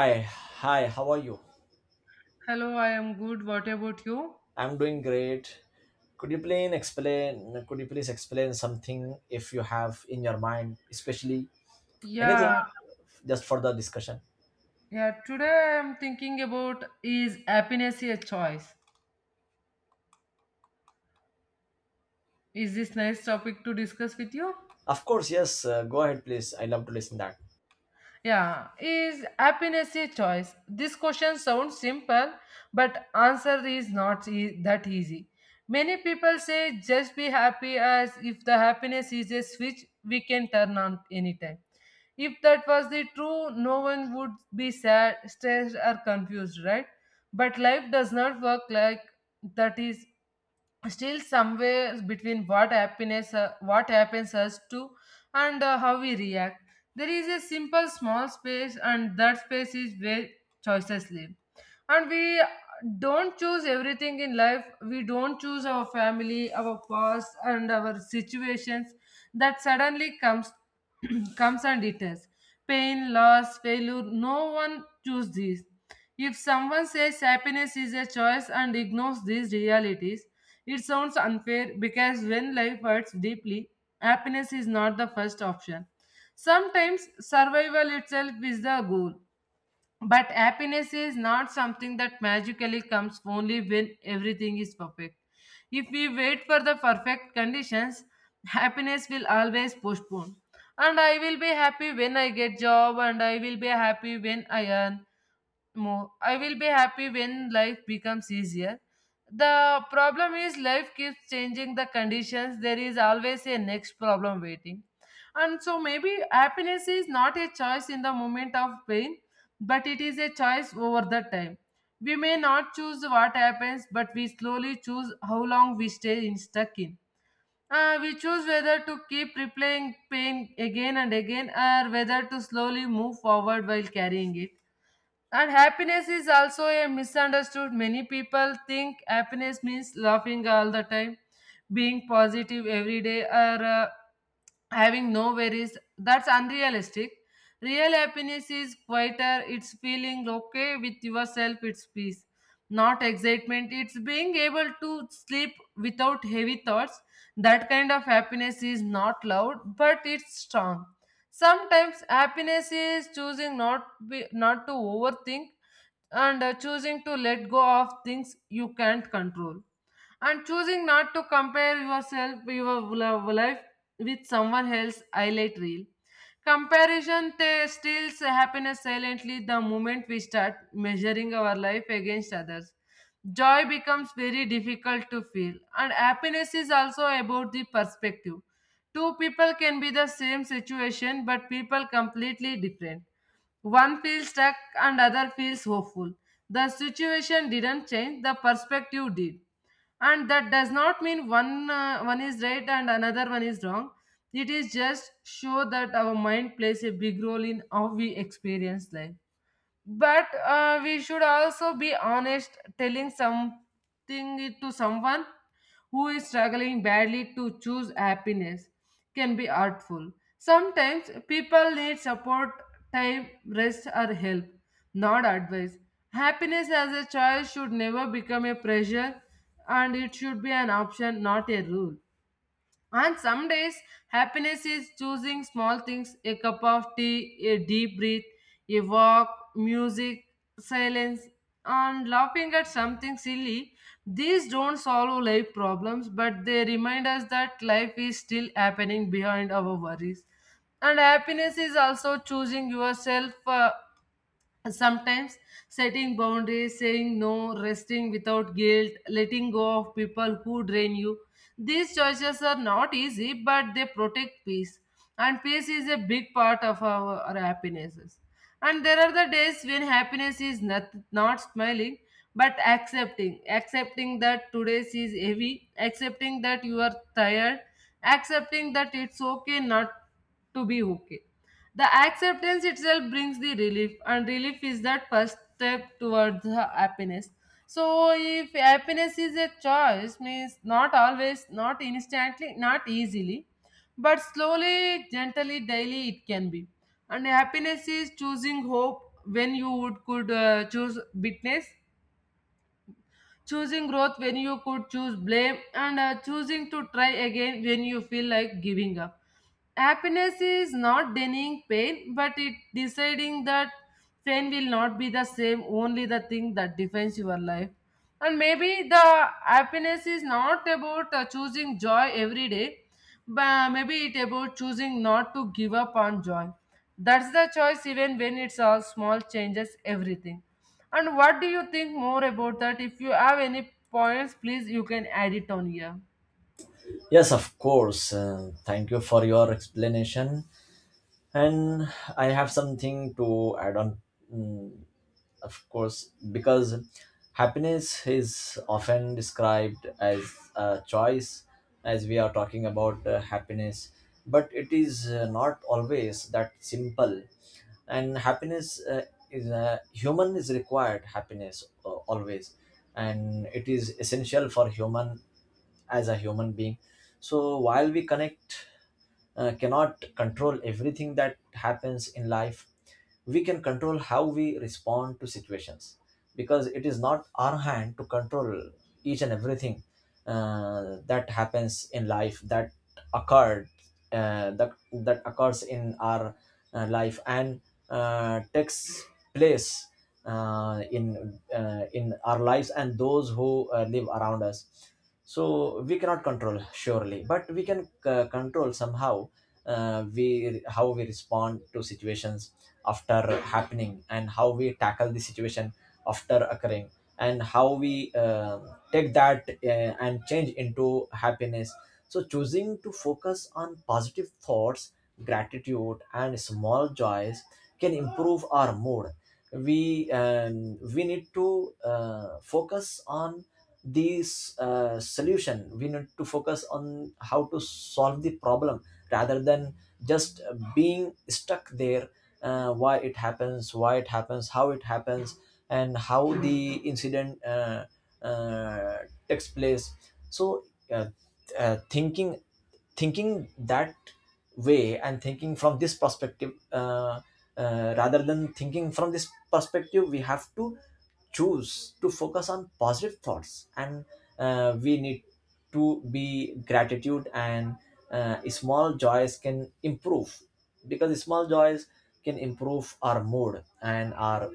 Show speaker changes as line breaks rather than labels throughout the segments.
Hi, hi, how are you?
Hello, I am good. What about you?
I'm doing great. Could you please explain something if you have in your mind, especially anything
Yeah,
just for the discussion?
yeah. Today I'm thinking about is happiness a choice? Is this nice topic to discuss with you?
Of course, yes, go ahead please. I love to listen that.
Yeah, is happiness a choice? This question sounds simple, but answer is not that easy. Many people say just be happy as if the happiness is a switch we can turn on anytime. If that was the true, no one would be sad, stressed, or confused, right? But life does not work like that. Is still somewhere between what happens us to and how we react, there is a simple small space, and that space is where choices live. And we don't choose everything in life. We don't choose our family, our past, and our situations that suddenly comes comes and it is. Pain, loss, failure, no one choose these. If someone says happiness is a choice and ignores these realities, it sounds unfair, because when life hurts deeply, happiness is not the first option. Sometimes survival itself is the goal. But happiness is not something that magically comes only when everything is perfect. If we wait for the perfect conditions, happiness will always postpone. And I will be happy when I get job, and I will be happy when I earn more. I will be happy when life becomes easier. The problem is life keeps changing the conditions. There is always a next problem waiting. And so maybe happiness is not a choice in the moment of pain, but it is a choice over the time. We may not choose what happens, but we slowly choose how long we stay in stuck in. We choose whether to keep replaying pain again and again, or whether to slowly move forward while carrying it. And happiness is also a misunderstood. Many people think happiness means laughing all the time, being positive every day, or having no worries. That's unrealistic. Real happiness is quieter, it's feeling okay with yourself, it's peace. Not excitement, it's being able to sleep without heavy thoughts. That kind of happiness is not loud, but it's strong. Sometimes happiness is choosing not to overthink, and choosing to let go of things you can't control, and choosing not to compare yourself your life with someone else's highlight reel. Comparison they steals happiness silently. The moment we start measuring our life against others, joy becomes very difficult to feel. And happiness is also about the perspective. Two people can be the same situation, but people completely different. One feels stuck and other feels hopeful. The situation didn't change, the perspective did. And that does not mean one is right and another one is wrong. It is just show that our mind plays a big role in how we experience life. But we should also be honest, telling something it to someone who is struggling badly to choose happiness can be hurtful. Sometimes people need support, time, rest, or help, not advice. Happiness as a choice should never become a pressure, and it should be an option, not a rule. And some days, happiness is choosing small things: a cup of tea, a deep breath, a walk, music, silence, and laughing at something silly. These don't solve life problems, but they remind us that life is still happening behind our worries. And happiness is also choosing yourself. Sometimes setting boundaries, saying no, resting without guilt, letting go of people who drain you. These choices are not easy, but they protect peace. And peace is a big part of our happinesses. And there are the days when happiness is not smiling, but accepting. Accepting that today is heavy, accepting that you are tired, accepting that it's okay not to be okay. The acceptance itself brings the relief, and relief is that first step towards the happiness. So, if happiness is a choice, means not always, not instantly, not easily, but slowly, gently, daily it can be. And happiness is choosing hope when you would could choose bitterness, choosing growth when you could choose blame, and choosing to try again when you feel like giving up. Happiness is not denying pain, but it deciding that pain will not be the same, only the thing that defines your life. And maybe the happiness is not about choosing joy every day, but maybe it about choosing not to give up on joy. That's the choice, even when it's all small changes everything. And what do you think more about that? If you have any points, please you can add it on here.
Yes, of course. Thank you for your explanation and I have something to add on. Mm, of course, because happiness is often described as a choice, as we are talking about happiness, but it is not always that simple. And happiness is human is required happiness always, and it is essential for human as a human being. So while we connect cannot control everything that happens in life, we can control how we respond to situations, because it is not our hand to control each and everything that happens in life, that occurred, that occurs in our life and takes place in our lives and those who live around us. So we cannot control surely, but we can control somehow we how we respond to situations after happening, and how we tackle the situation after occurring, and how we take that and change into happiness. So, choosing to focus on positive thoughts, gratitude and small joys can improve our mood. We we need to focus on these solution, we need to focus on how to solve the problem rather than just being stuck there, why it happens, how it happens, and how the incident uh, takes place. So, uh, uh, thinking thinking that way, and thinking from this perspective, rather than thinking from this perspective, we have to choose to focus on positive thoughts, and we need to be gratitude, and small joys can improve, because small joys can improve our mood and our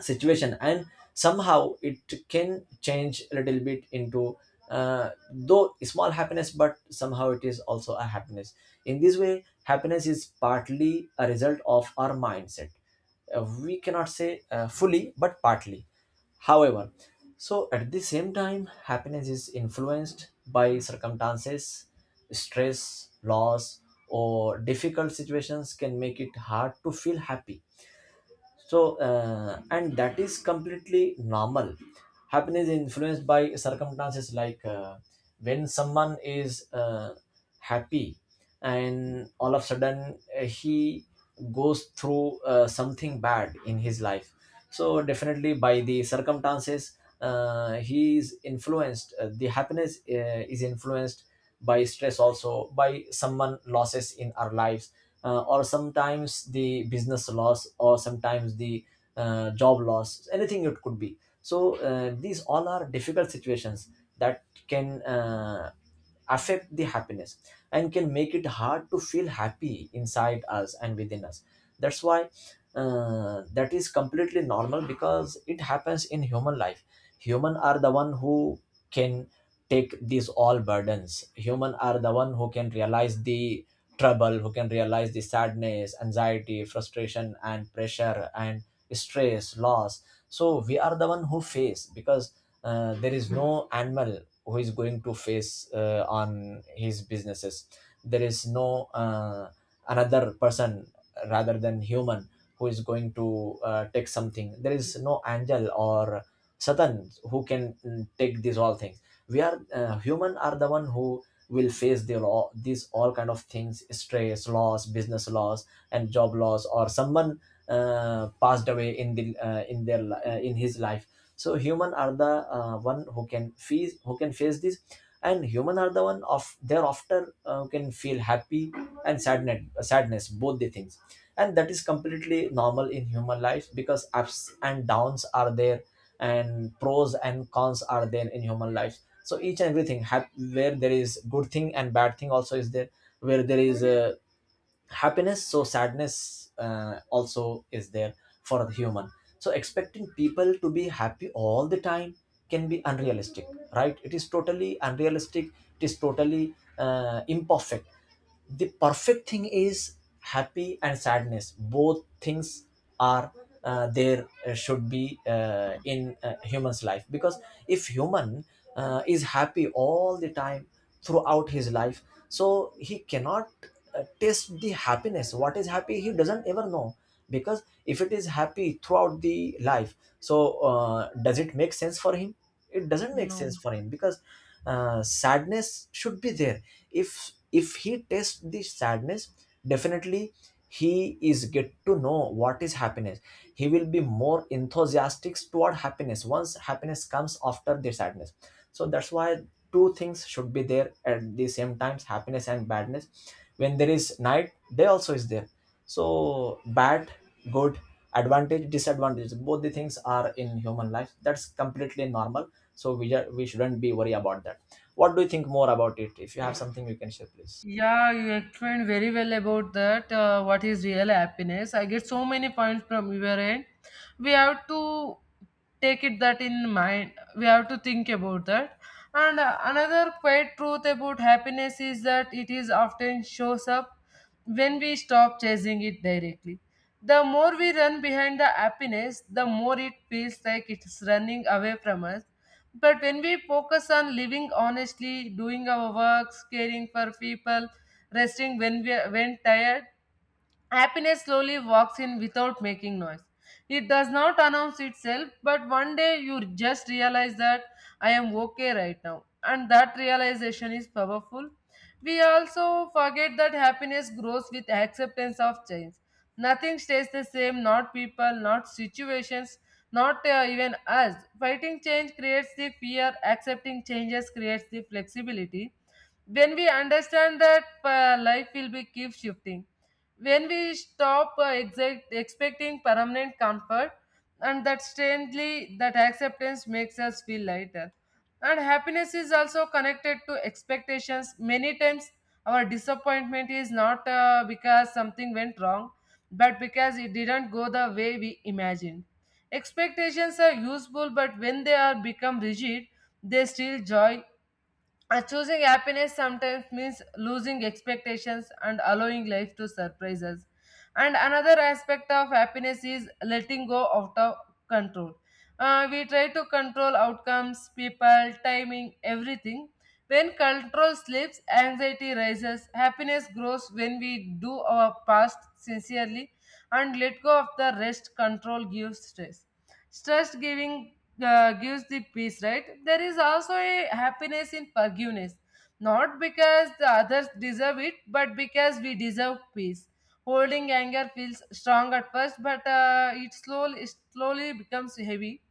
situation, and somehow it can change a little bit into though small happiness, but somehow it is also a happiness. In this way, happiness is partly a result of our mindset. We cannot say fully, but partly. However, so at the same time, happiness is influenced by circumstances. Stress, loss, or difficult situations can make it hard to feel happy. So and that is completely normal. Happiness is influenced by circumstances, like when someone is happy and all of a sudden he goes through something bad in his life. So definitely by the circumstances, he is influenced, the happiness is influenced by stress, also by someone losses in our lives, or sometimes the business loss or sometimes the job loss, anything it could be. So these all are difficult situations that can affect the happiness and can make it hard to feel happy inside us and within us. That's why that is completely normal, because it happens in human life. Human are the one who can take these all burdens. Human are the one who can realize the trouble, who can realize the sadness, anxiety, frustration and pressure and stress, loss. So we are the one who face, because there is no animal who is going to face on his businesses. There is no another person rather than human who is going to take something. There is no angel or satan who can take these all things. We are human are the one who will face the law, these all kind of things, stress, loss, business loss and job loss, or someone passed away in the in his life. So human are the one who can face, who can face this. And human are the one of they're often who can feel happy and sadness, sadness, both the things. And that is completely normal in human life, because ups and downs are there, and pros and cons are there in human life. So each and everything where there is good thing and bad thing also is there, where there is a happiness, so sadness also is there for the human. So expecting people to be happy all the time can be unrealistic. Right, it is totally unrealistic, it is totally imperfect. The perfect thing is happy and sadness, both things are there, should be in human's life, because if human is happy all the time throughout his life, so he cannot taste the happiness. What is happy he doesn't ever know, because if it is happy throughout the life, so does it make sense for him? It doesn't make sense
No.
for him, because sadness should be there. If he tastes the sadness, definitely he is get to know what is happiness. He will be more enthusiastic toward happiness once happiness comes after the sadness. So that's why two things should be there at the same times, happiness and badness. When there is night, day also is there. So bad, good, advantage, disadvantage, both the things are in human life. That's completely normal. So we we shouldn't be worried about that. What do you think more about it? If you have something, you can share please.
Yeah, you explained very well about that. What is real happiness? I get so many points from your end. We have to take it that in mind. We have to think about that. And another quiet truth about happiness is that it is often shows up when we stop chasing it directly. The more we run behind the happiness, the more it feels like it's running away from us. But when we focus on living honestly, doing our works, caring for people, resting when tired, happiness slowly walks in without making noise. It does not announce itself, but one day you just realize that I am okay right now. And that realization is powerful. We also forget that happiness grows with acceptance of change. Nothing stays the same, not people, not situations, not even us. Fighting change creates the fear, accepting changes creates the flexibility. When we understand that life will be keep shifting, when we stop expecting permanent comfort, and that strangely that acceptance makes us feel lighter. And happiness is also connected to expectations. Many times our disappointment is not because something went wrong, but because it didn't go the way we imagined. Expectations are useful, but when they are become rigid, they steal joy. Choosing happiness sometimes means losing expectations and allowing life to surprise us. And another aspect of happiness is letting go out of control. We try to control outcomes, people, timing, everything. When control slips, anxiety rises. Happiness grows when we do our past sincerely and let go of the rest. Control gives stress. Stress giving gives the peace, right? There is also a happiness in forgiveness, not because the others deserve it, but because we deserve peace. Holding anger feels strong at first, but it slowly becomes heavy.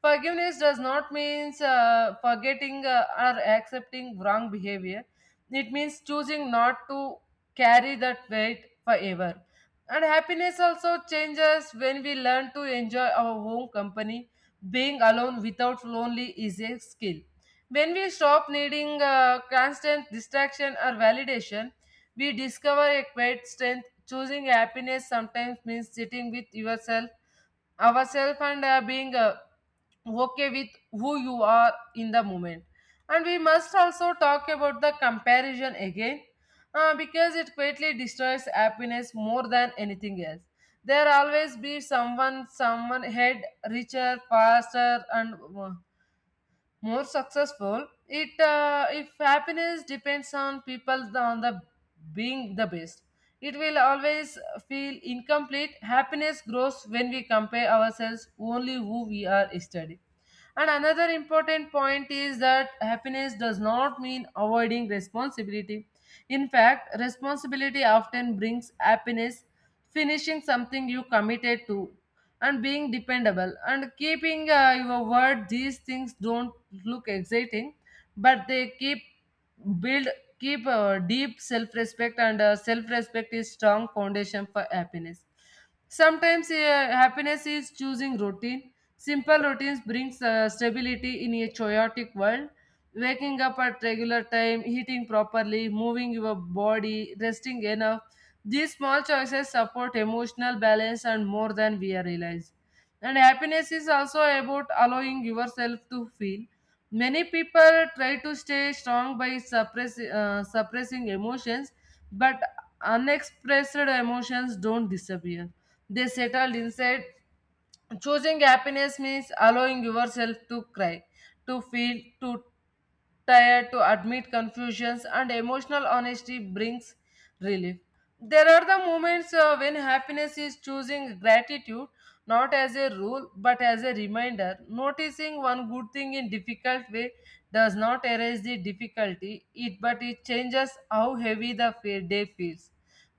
Forgiveness does not mean forgetting or accepting wrong behavior. It means choosing not to carry that weight forever. And happiness also changes when we learn to enjoy our own company. Being alone without lonely is a skill. When we stop needing constant distraction or validation, we discover a quiet strength. Choosing happiness sometimes means sitting with yourself ourselves, and being okay with who you are in the moment. And we must also talk about the comparison again, because it greatly destroys happiness more than anything else. There always be someone head, richer, faster, and more successful. It If happiness depends on people on the being the best, it will always feel incomplete. Happiness grows when we compare ourselves only who we are yesterday. And another important point is that happiness does not mean avoiding responsibility. In fact, responsibility often brings happiness: finishing something you committed to, and being dependable, and keeping your word. These things don't look exciting, but they keep build keep deep self respect, and self respect is strong foundation for happiness. Sometimes happiness is choosing routine. Simple routines brings stability in a chaotic world. Waking up at regular time, eating properly, moving your body, resting enough. These small choices support emotional balance and more than we realize. And happiness is also about allowing yourself to feel. Many people try to stay strong by suppressing emotions, but unexpressed emotions don't disappear, they settled inside. Choosing happiness means allowing yourself to cry, to feel, to tired, to admit confusions, and emotional honesty brings relief. There are the moments when happiness is choosing gratitude, not as a rule but as a reminder. Noticing one good thing in difficult way does not erase the difficulty it, but it changes how heavy the day feels.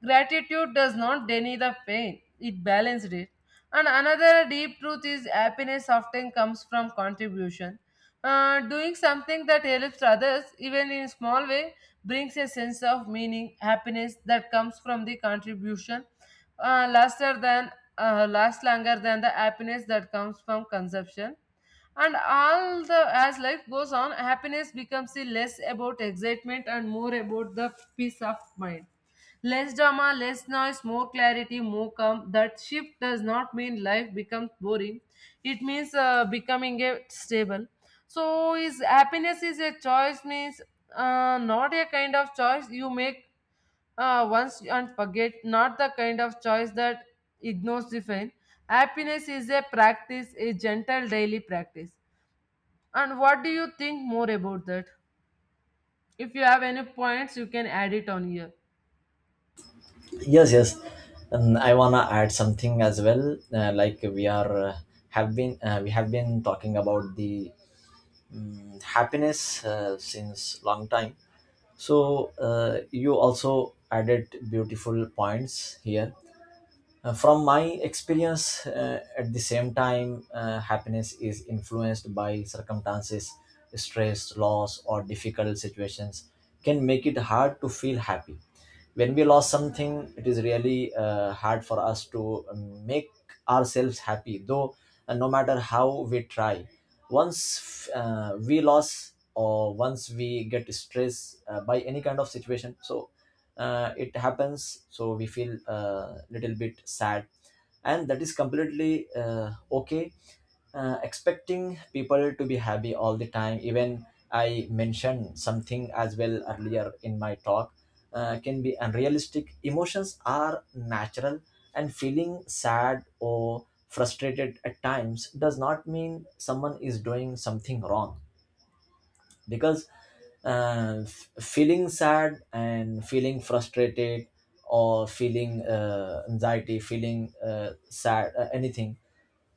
Gratitude does not deny the pain, it balanced it. And another deep truth is happiness often comes from contribution. Doing something that helps others, even in small way, brings a sense of meaning. Happiness that comes from the contribution uh, laster than last longer than the happiness that comes from consumption. And all the, as life goes on, happiness becomes a less about excitement and more about the peace of mind. Less drama, less noise, more clarity, more calm. That shift does not mean life becomes boring, it means becoming a stable. So is happiness is a choice means not a kind of choice you make once and forget, not the kind of choice that ignores the pain. Happiness is a practice, a gentle daily practice. And what do you think more about that? If you have any points, you can add it on here.
Yes, yes. I wanna add something as well. Like, we are have been we have been talking about the happiness since long time. So you also added beautiful points here. From my experience, at the same time, happiness is influenced by circumstances, stress, loss, or difficult situations can make it hard to feel happy. When we lost something, it is really hard for us to make ourselves happy, though no matter how we try. Once we lost or once we get stressed by any kind of situation, so it happens, so we feel a little bit sad, and that is completely okay. Expecting people to be happy all the time, even I mentioned something as well earlier in my talk, can be unrealistic. Emotions are natural, and feeling sad or frustrated at times does not mean someone is doing something wrong. Because feeling sad and feeling frustrated, or feeling anxiety, feeling sad, anything,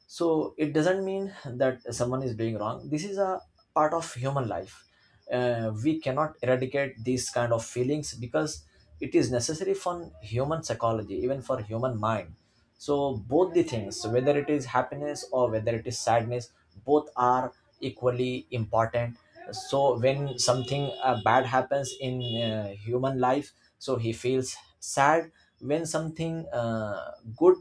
so it doesn't mean that someone is doing wrong. This is a part of human life. We cannot eradicate these kind of feelings, because it is necessary for human psychology, even for human mind. So both the things, whether it is happiness or whether it is sadness, both are equally important. So when something bad happens in human life, so he feels sad. When something good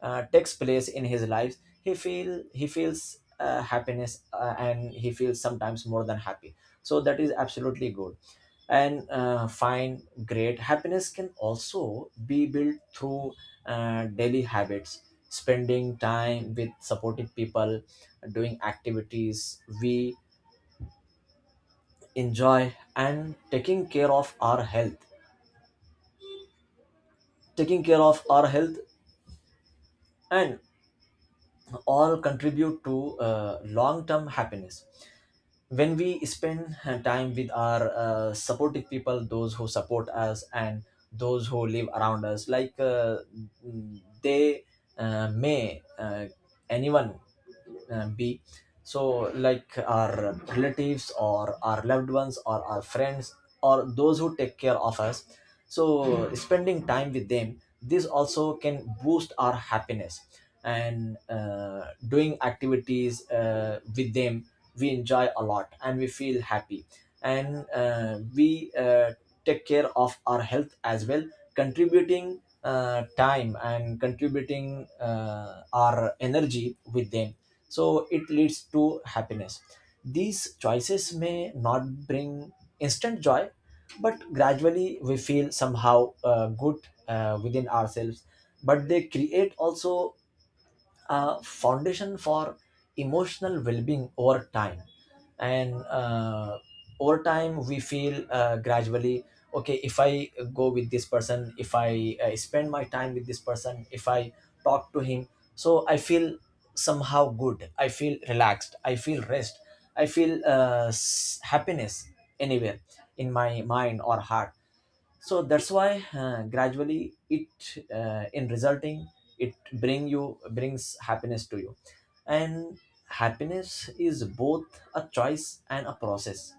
takes place in his life, he feel he feels happiness, and he feels sometimes more than happy. So that is absolutely good and fine, great. Happiness can also be built through daily habits. Spending time with supportive people, doing activities we enjoy, and taking care of our health, taking care of our health, and all contribute to long term happiness. When we spend time with our supportive people, those who support us and those who live around us, like they may anyone be, so like our relatives or our loved ones or our friends, or those who take care of us. So spending time with them, this also can boost our happiness. And doing activities with them we enjoy a lot and we feel happy, and we take care of our health as well, contributing time and contributing our energy with them. So it leads to happiness. These choices may not bring instant joy, but gradually we feel somehow good within ourselves, but they create also a foundation for emotional well-being over time. And over time, we feel gradually okay. If I go with this person, if I spend my time with this person, if I talk to him, so I feel somehow good, I feel relaxed, I feel rest, I feel happiness anywhere in my mind or heart. So that's why gradually it in resulting, it brings happiness to you. And happiness is both a choice and a process.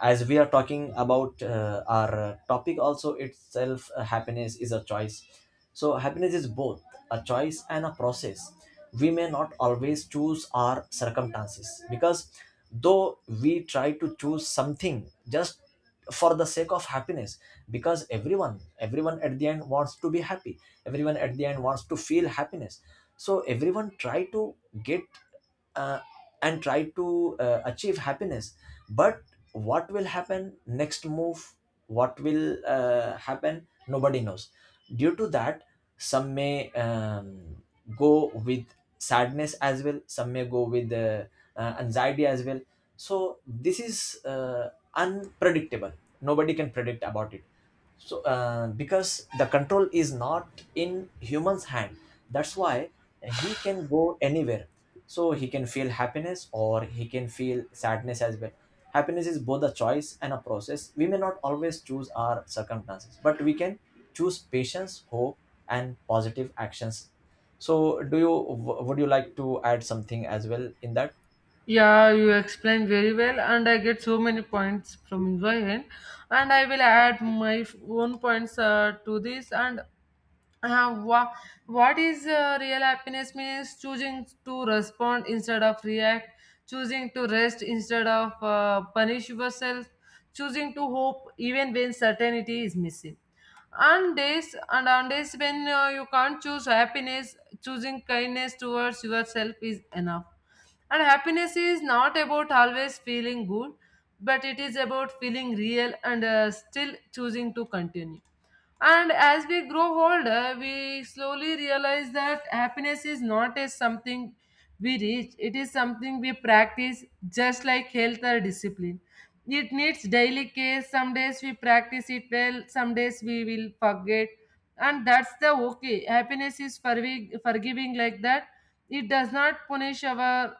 As we are talking about our topic also itself, happiness is a choice. So happiness is both a choice and a process. We may not always choose our circumstances, because though we try to choose something just for the sake of happiness, because everyone at the end wants to be happy, everyone at the end wants to feel happiness. So everyone try to get uh, and try to achieve happiness. But what will happen next move, what will happen, nobody knows. Due to that, some may go with sadness as well, some May go with anxiety as well. So this is unpredictable. Nobody can predict about it. So because the control is not in human's hand, that's why he can go anywhere. So he can feel happiness or he can feel sadness as well. Happiness is both a choice and a process. We may not always choose our circumstances, but we can choose patience, hope, and positive actions. So, do you would you like to add something as well in that?
Yeah, you explained very well, and I get so many points from your end. And I will add my own points to this and Uh, wha- what is real happiness means choosing to respond instead of react, choosing to rest instead of punish yourself, choosing to hope even when certainty is missing. On days, and on days when you can't choose happiness, choosing kindness towards yourself is enough. And happiness is not about always feeling good, but it is about feeling real and still choosing to continue. And as we grow older, we slowly realize that happiness is not as something we reach, it is something we practice just like health or discipline. It needs daily care. Some days we practice it well, some days we will forget. And that's the okay. Happiness is forgiving like that. It does not punish our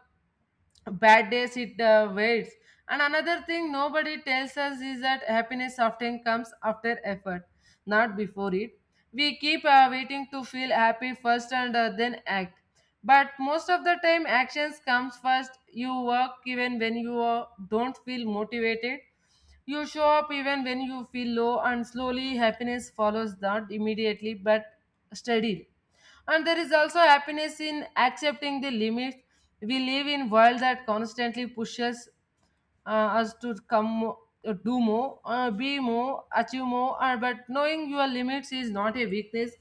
bad days, it waits. And another thing nobody tells us is that happiness often comes after effort, not before it. We keep waiting to feel happy first and then act. But most of the time, actions comes first. You work even when you don't feel motivated, you show up even when you feel low, and slowly happiness follows, not immediately but steadily. And there is also happiness in accepting the limits. We live in world that constantly pushes us to do more, be more, achieve more, but knowing your limits is not a weakness,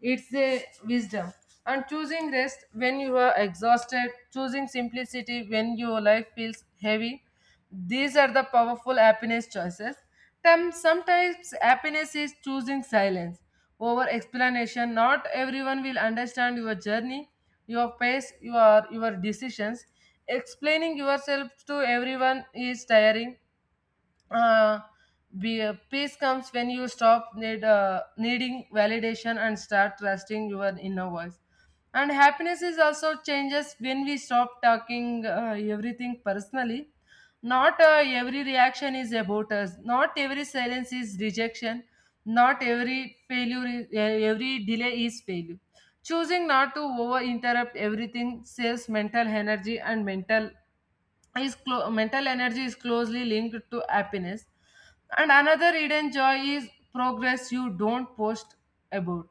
it's a wisdom. And choosing rest when you are exhausted, choosing simplicity when your life feels heavy, these are the powerful happiness choices. Sometimes happiness is choosing silence over explanation. Not everyone will understand your journey, your pace, your decisions. Explaining yourself to everyone is tiring. uh, Peace comes when you stop needing validation and start trusting your inner voice. And happiness is also changes when we stop talking everything personally. Not every reaction is about us, not every silence is rejection, not every failure is, every delay is failure. Choosing not to over interrupt everything saves mental energy, and mental energy is closely linked to happiness. And another hidden joy is progress you don't post about.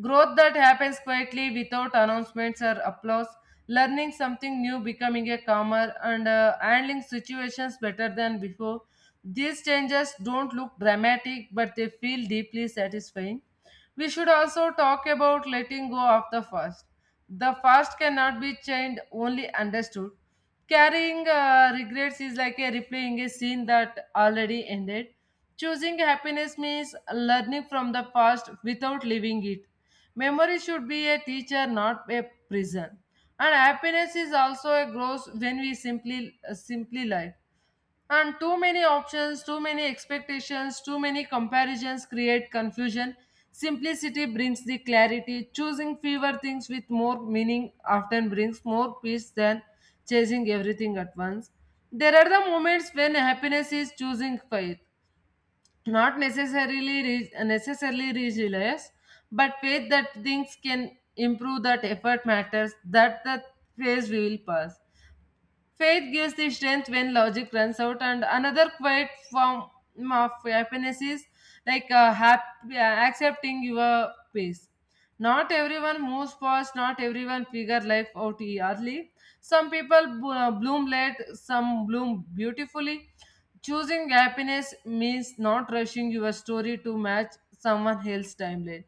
Growth that happens quietly without announcements or applause, learning something new, becoming a calmer and handling situations better than before, these changes don't look dramatic but they feel deeply satisfying. We should also talk about letting go of the past. The past cannot be changed, only understood. Carrying regrets is like a replaying a scene that already ended. Choosing happiness means learning from the past without living it. Memory should be a teacher, not a prison. And happiness is also a growth when we simply live. And too many options, too many expectations, too many comparisons create confusion. Simplicity brings the clarity. Choosing fewer things with more meaning often brings more peace than chasing everything at once. There are the moments when happiness is choosing faith, not necessarily resilience, but faith that things can improve, that effort matters, that the phase will pass. Faith gives the strength when logic runs out, and another quiet form of happiness is like accepting your pace. Not everyone moves fast, not everyone figure life out early. Some people bloom late, some bloom beautifully. Choosing happiness means not rushing your story to match someone else's timeline,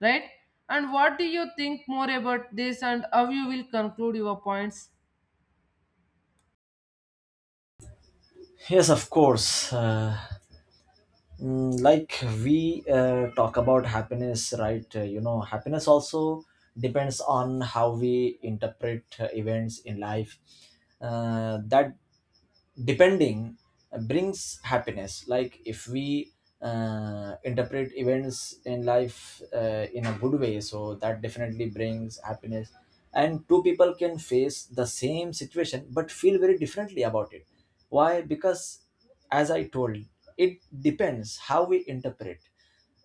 right? And what do you think more about this, and how you will conclude your points?
Yes, of course. Like we talk about happiness, right, you know, happiness also depends on how we interpret events in life, that depending brings happiness. Like if we interpret events in life in a good way, so that definitely brings happiness. And two people can face the same situation but feel very differently about it. Why? Because, as I told, it depends how we interpret.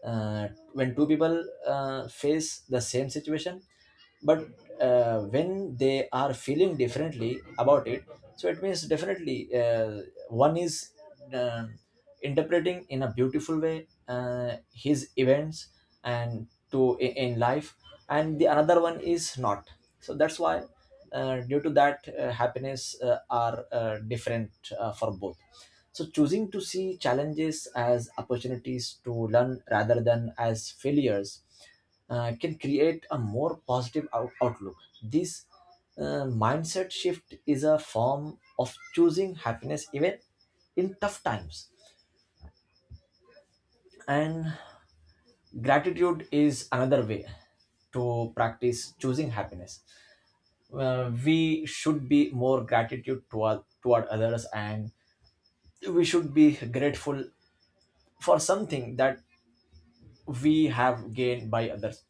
uh, when two people face the same situation but when they are feeling differently about it, so it means definitely one is uh, interpreting in a beautiful way his events and to in life, and the another one is not. So that's why due to that, happiness are different for both. So choosing to see challenges as opportunities to learn rather than as failures can create a more positive outlook. This mindset shift is a form of choosing happiness even in tough times. And gratitude is another way to practice choosing happiness. We should be more gratitude toward others, and we should be grateful for something that we have gained by others.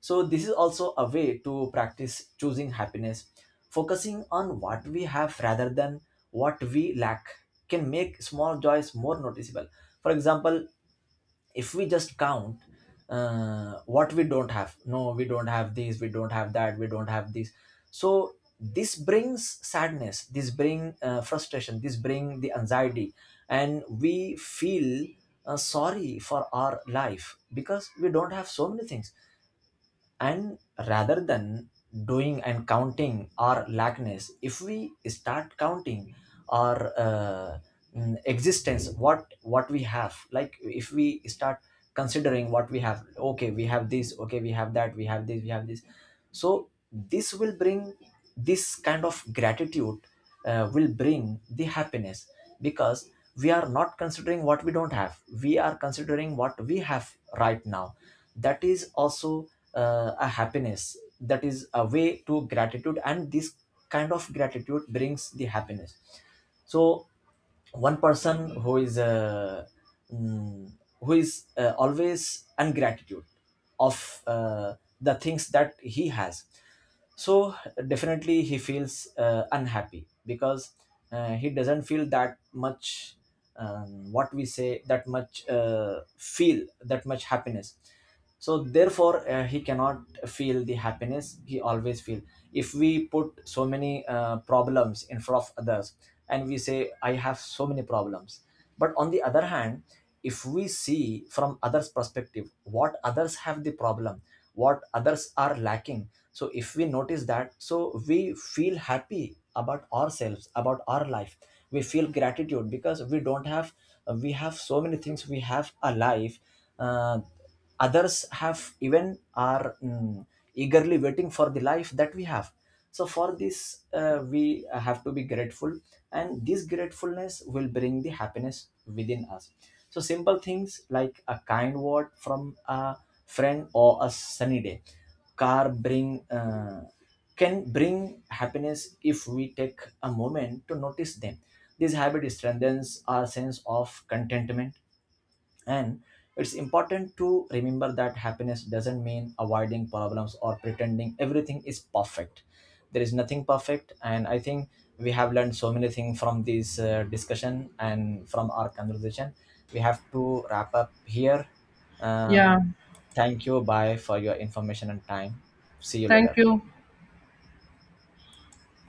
So this is also a way to practice choosing happiness. Focusing on what we have rather than what we lack can make small joys more noticeable. For example, if we just count what we don't have. No, we don't have these, we don't have that, we don't have this. So this brings sadness, this bring frustration, this bring the anxiety, and we feel sorry for our life because we don't have so many things. And rather than doing and counting our lackness, if we start counting our existence, what we have. Like if we start considering what we have. Okay, we have this, okay, we have that, we have this, we have this. So this will bring, this kind of gratitude will bring the happiness, because we are not considering what we don't have, we are considering what we have right now. That is also a happiness, that is a way to gratitude, and this kind of gratitude brings the happiness. So one person who is mm, who is always ungratitude of the things that he has, so definitely he feels unhappy because he doesn't feel that much, what we say, that much feel that much happiness. So therefore he cannot feel the happiness, he always feel. If we put so many problems in front of others and we say I have so many problems, but on the other hand, if we see from others perspective what others have the problem, what others are lacking, so if we notice that, so we feel happy about ourselves, about our life. We feel gratitude, because we don't have, we have so many things, we have a life. uh, Others have, even are eagerly waiting for the life that we have. So for this, we have to be grateful, and this gratefulness will bring the happiness within us. So simple things like a kind word from a friend or a sunny day car bring can bring happiness if we take a moment to notice them. This habit strengthens our sense of contentment. And it's important to remember that happiness doesn't mean avoiding problems or pretending everything is perfect. There is nothing perfect, and I think we have learned so many things from this discussion and from our conversation. We have to wrap up here. Um,
Yeah.
Thank you, bye, for your information and time. See you
Thank
later.
you.